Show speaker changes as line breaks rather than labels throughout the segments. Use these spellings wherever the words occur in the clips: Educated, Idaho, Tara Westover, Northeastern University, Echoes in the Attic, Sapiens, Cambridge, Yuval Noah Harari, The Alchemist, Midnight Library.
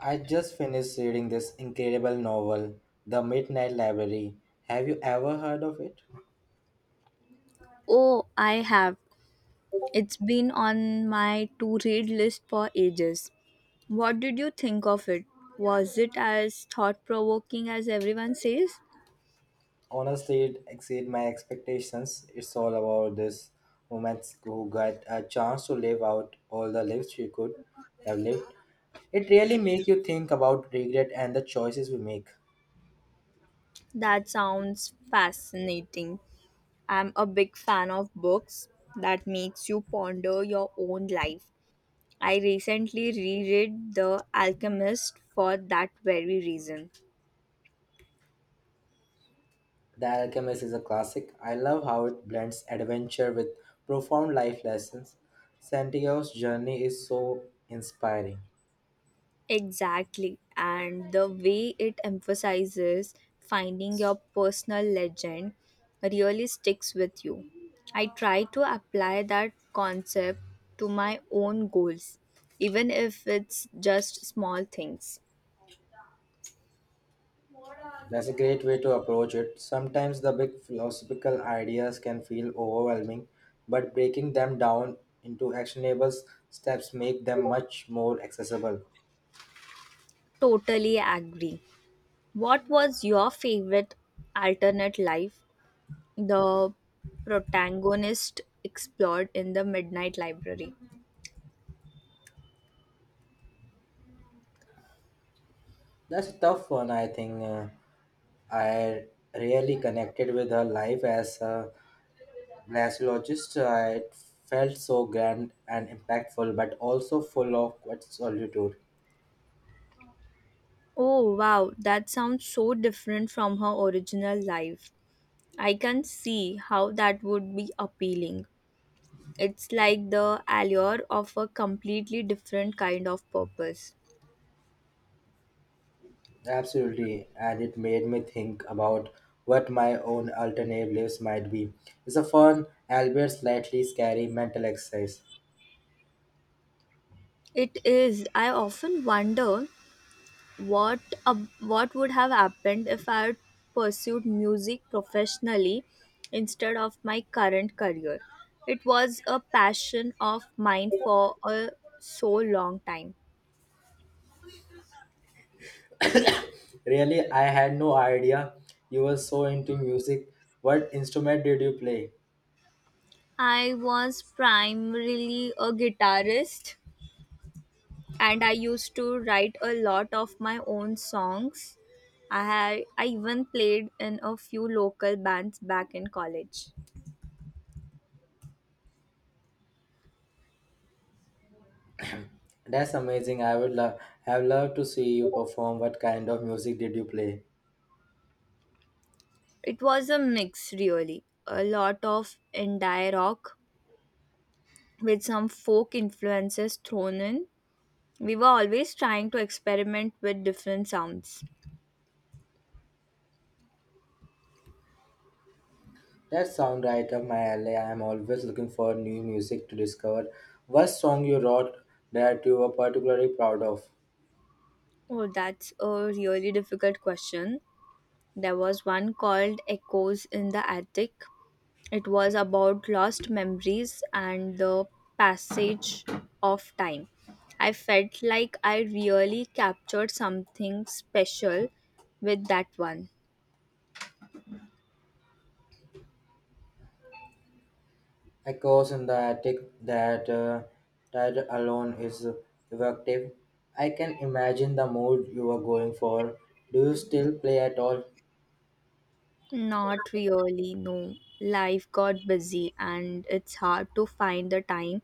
I just finished reading this incredible novel, The Midnight Library. Have you ever heard of it?
Oh, I have. It's been on my to read list for ages. What did you think of it? Was it as thought provoking as everyone says?
Honestly, it exceeded my expectations. It's all about this woman who got a chance to live out all the lives she could have lived. It really makes you think about regret and the choices we make.
That sounds fascinating. I'm a big fan of books that makes you ponder your own life. I recently reread The Alchemist for that very reason.
The Alchemist is a classic. I love how it blends adventure with profound life lessons. Santiago's journey is so inspiring.
Exactly. And the way it emphasizes finding your personal legend really sticks with you. I try to apply that concept to my own goals, even if it's just small things.
That's a great way to approach it. Sometimes the big philosophical ideas can feel overwhelming, but breaking them down into actionable steps make them much more accessible.
Totally agree. What was your favorite alternate life the protagonist explored in the Midnight Library?
That's a tough one, I think. I really connected with her life as a glaciologist. It felt so grand and impactful, but also full of quite solitude.
Oh wow, that sounds so different from her original life. I can see how that would be appealing. It's like the allure of a completely different kind of purpose.
Absolutely, and it made me think about what my own alternative lives might be. It's a fun, albeit slightly scary mental exercise.
It is. I often wonder what what would have happened if I had pursued music professionally instead of my current career. It was a passion of mine for a so long time.
Really, I had no idea you were so into music. What instrument did you play?
I was primarily a guitarist and I used to write a lot of my own songs. I even played in a few local bands back in college.
That's amazing. I would love have loved to see you perform. What kind of music did you play?
It was a mix really, a lot of indie rock with some folk influences thrown in. We were always trying to experiment with different sounds.
That sound right up my alley. I am always looking for new music to discover. What song you wrote that you were particularly proud of?
Oh, that's a really difficult question. There was one called Echoes in the Attic. It was about lost memories and the passage of time. I felt like I really captured something special with that one.
Echoes in the attic, that uh, that alone is evocative. I can imagine the mood you were going for. Do you still play at all?
Not really, no. Life got busy and it's hard to find the time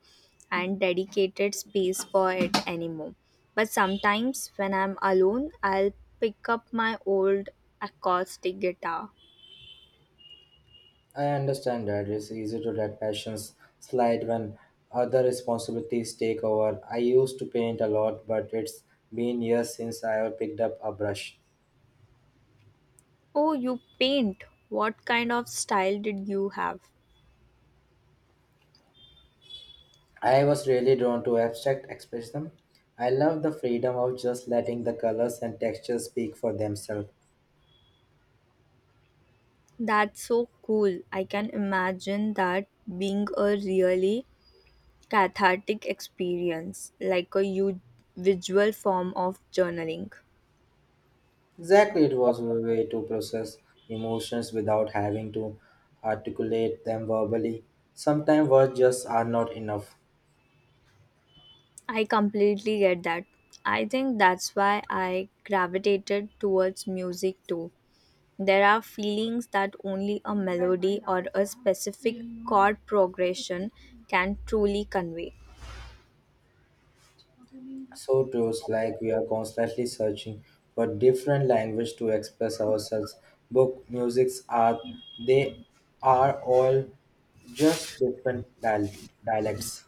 and dedicated space for it anymore. But sometimes when I'm alone, I'll pick up my old acoustic guitar.
I understand that it's easy to let passions slide when other responsibilities take over. I used to paint a lot, but it's been years since I have picked up a brush.
Oh, you paint. What kind of style did you have?
I was really drawn to abstract expressionism. I love the freedom of just letting the colors and textures speak for themselves.
That's so cool. I can imagine that being a really cathartic experience, like visual form of journaling.
Exactly, it was a way to process emotions without having to articulate them verbally. Sometimes words just are not enough.
I completely get that. I think that's why I gravitated towards music too. There are feelings that only a melody or a specific chord progression can truly convey.
So it was like we are constantly searching for different language to express ourselves. Book, music, art, they are all just dialects.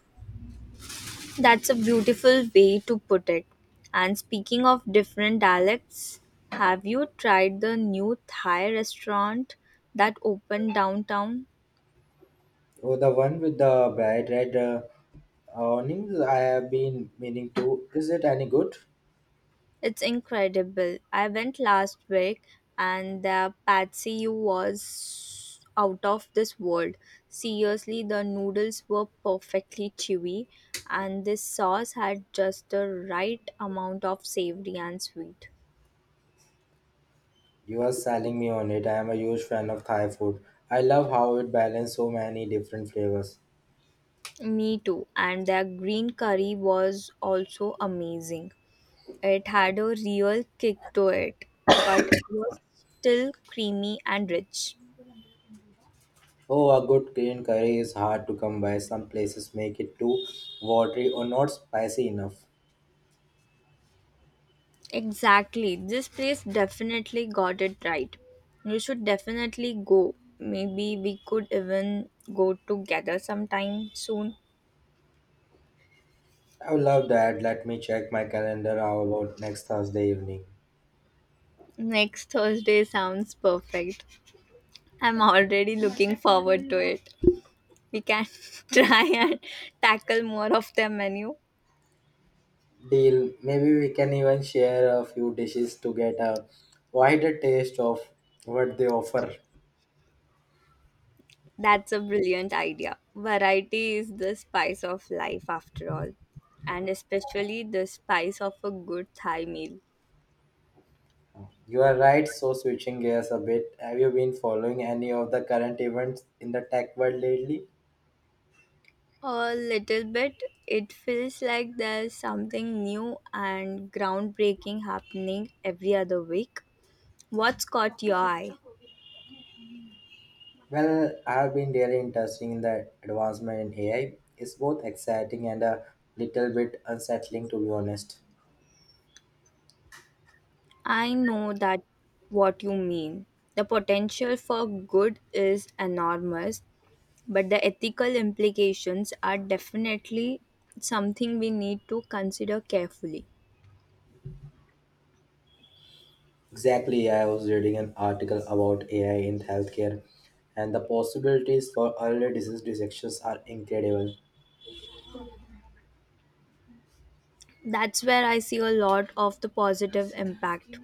That's a beautiful way to put it. And speaking of different dialects, have you tried the new Thai restaurant that opened downtown?
Oh, the one with the bright red awnings. I have been meaning to. Is it any good?
It's incredible. I went last week and the patsy was out of this world. Seriously, the noodles were perfectly chewy and this sauce had just the right amount of savory and sweet.
You are selling me on it. I am a huge fan of Thai food. I love how it balances so many different flavors.
Me too. And their green curry was also amazing. It had a real kick to it, but it was still creamy and rich.
Oh, a good green curry is hard to come by. Some places make it too watery or not spicy enough.
Exactly. This place definitely got it right. You should definitely go. Maybe we could even go together sometime soon.
I would love that. Let me check my calendar. How about next Thursday evening?
Next Thursday sounds perfect. I'm already looking forward to it. We can try and tackle more of their menu.
Deal. Maybe we can even share a few dishes to get a wider taste of what they offer.
That's a brilliant idea. Variety is the spice of life, after all, and especially the spice of a good Thai meal.
You are right. So, switching gears a bit, have you been following any of the current events in the tech world lately?
A little bit, it feels like there's something new and groundbreaking happening every other week. What's caught your eye?
Well, I've been really interested in the advancement in AI. It's both exciting and a little bit unsettling, to be honest.
I know that what you mean. The potential for good is enormous, but the ethical implications are definitely something we need to consider carefully.
Exactly, I was reading an article about AI in healthcare, and the possibilities for early disease detections are incredible.
That's where I see a lot of the positive impact.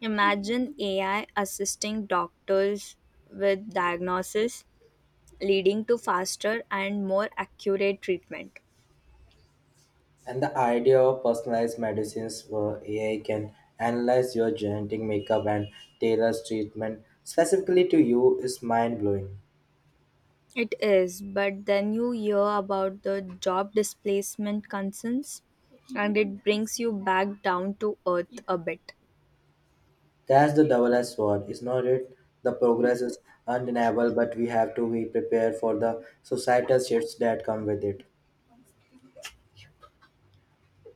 Imagine AI assisting doctors with diagnosis, leading to faster and more accurate treatment.
And the idea of personalized medicines where AI can analyze your genetic makeup and tailor treatment specifically to you is mind blowing.
It is, but then you hear about the job displacement concerns, and it brings you back down to earth a bit.
That's the double-edged sword, is not it? The progress is undeniable, but we have to be prepared for the societal shifts that come with it.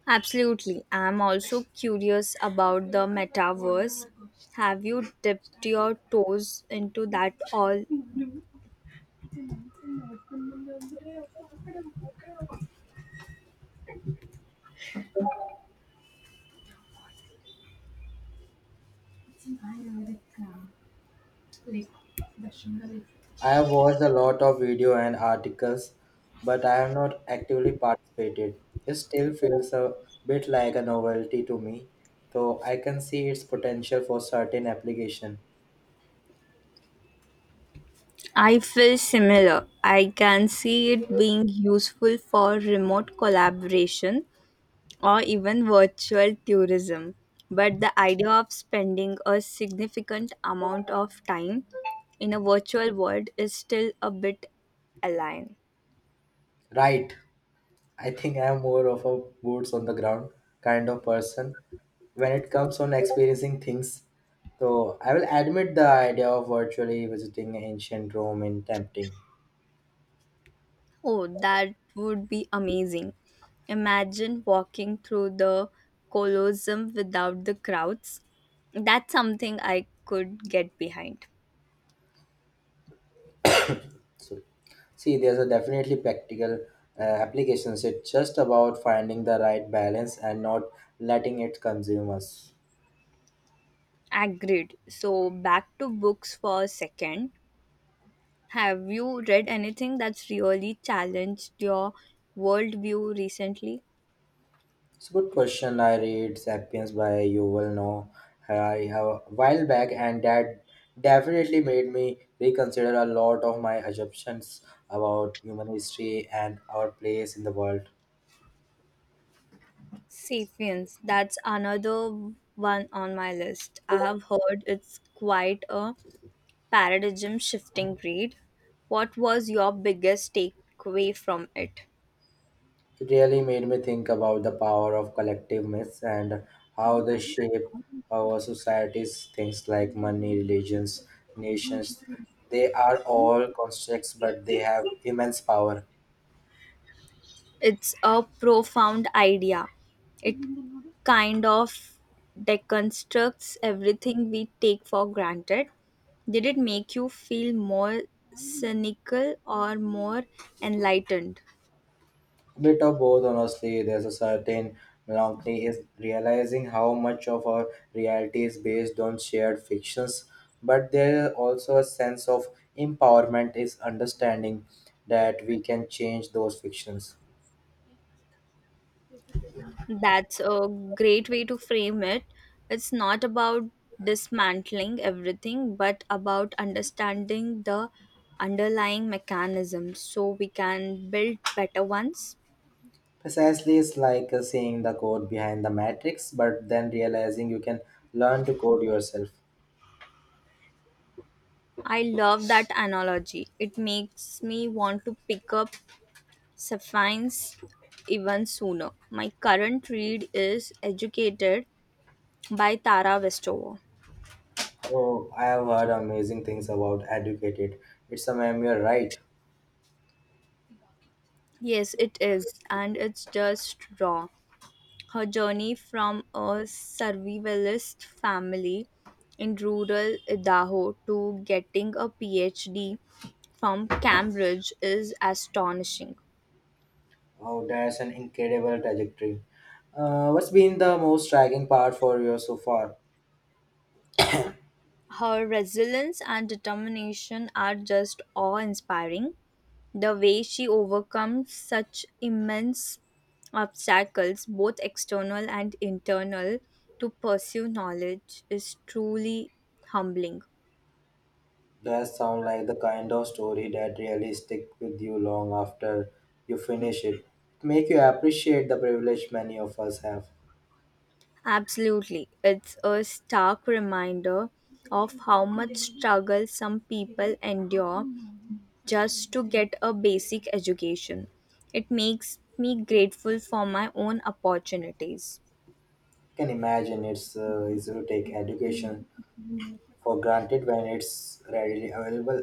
Absolutely. I'm also curious about the metaverse. Have you dipped your toes into that all?
I have watched a lot of video and articles, but I have not actively participated. It still feels a bit like a novelty to me, though I can see its potential for certain application.
I feel similar. I can see it being useful for remote collaboration or even virtual tourism. But the idea of spending a significant amount of time in a virtual world is still a bit alien.
Right. I think I am more of a boots on the ground kind of person when it comes on experiencing things. So I will admit the idea of virtually visiting ancient Rome in tempting.
Oh, that would be amazing. Imagine walking through the Colosseum without the crowds. That's something I could get behind.
So see, there's a definitely practical applications. It's just about finding the right balance and not letting it consume us.
Agreed. So, back to books for a second. Have you read anything that's really challenged your worldview recently?
It's a good question. I read *Sapiens* by Yuval Noah Harari a while back, and that definitely made me reconsider a lot of my assumptions about human history and our place in the world.
Sapiens, that's another one on my list. I have heard it's quite a paradigm shifting read. What was your biggest takeaway from it?
It really made me think about the power of collective myths and how they shape our societies. Things like money, religions, nations—they are all constructs, but they have immense power.
It's a profound idea. It kind of deconstructs everything we take for granted. Did it make you feel more cynical or more enlightened?
Bit of both, honestly. There's a certain melancholy is realizing how much of our reality is based on shared fictions, but there is also a sense of empowerment is understanding that we can change those fictions.
That's a great way to frame it. It's not about dismantling everything, but about understanding the underlying mechanisms so we can build better ones.
Precisely. It's like seeing the code behind the matrix, but then realizing you can learn to code yourself.
I love that analogy. It makes me want to pick up Sapphine's even sooner. My current read is Educated by Tara Westover.
So I have heard amazing things about Educated. It's a meme, right?
Yes, it is, and it's just raw. Her journey from a survivalist family in rural Idaho to getting a PhD from Cambridge is astonishing.
Oh, that's an incredible trajectory. What's been the most striking part for you so far?
Her resilience and determination are just awe inspiring. The way she overcomes such immense obstacles, both external and internal, to pursue knowledge is truly humbling.
Does sound like the kind of story that really stick with you long after you finish it. Make you appreciate the privilege many of us have.
Absolutely. It's a stark reminder of how much struggle some people endure just to get a basic education. It makes me grateful for my own opportunities.
Can imagine it's easy to take education for granted when it's readily available.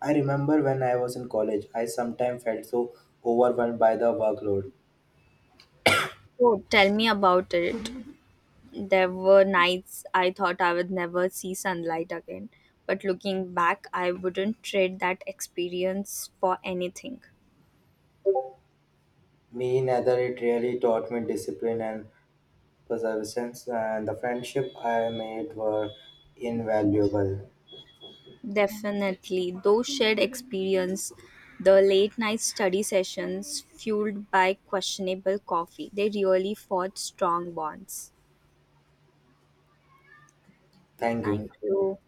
I remember when I was in college, I sometimes felt so overwhelmed by the workload.
So tell me about it. There were nights I thought I would never see sunlight again, but looking back, I wouldn't trade that experience for anything.
Me neither, it really taught me discipline and perseverance, and the friendship I made were invaluable.
Definitely. Those shared experience, the late night study sessions fueled by questionable coffee, they really forged strong bonds.
Thank you.
Thank you.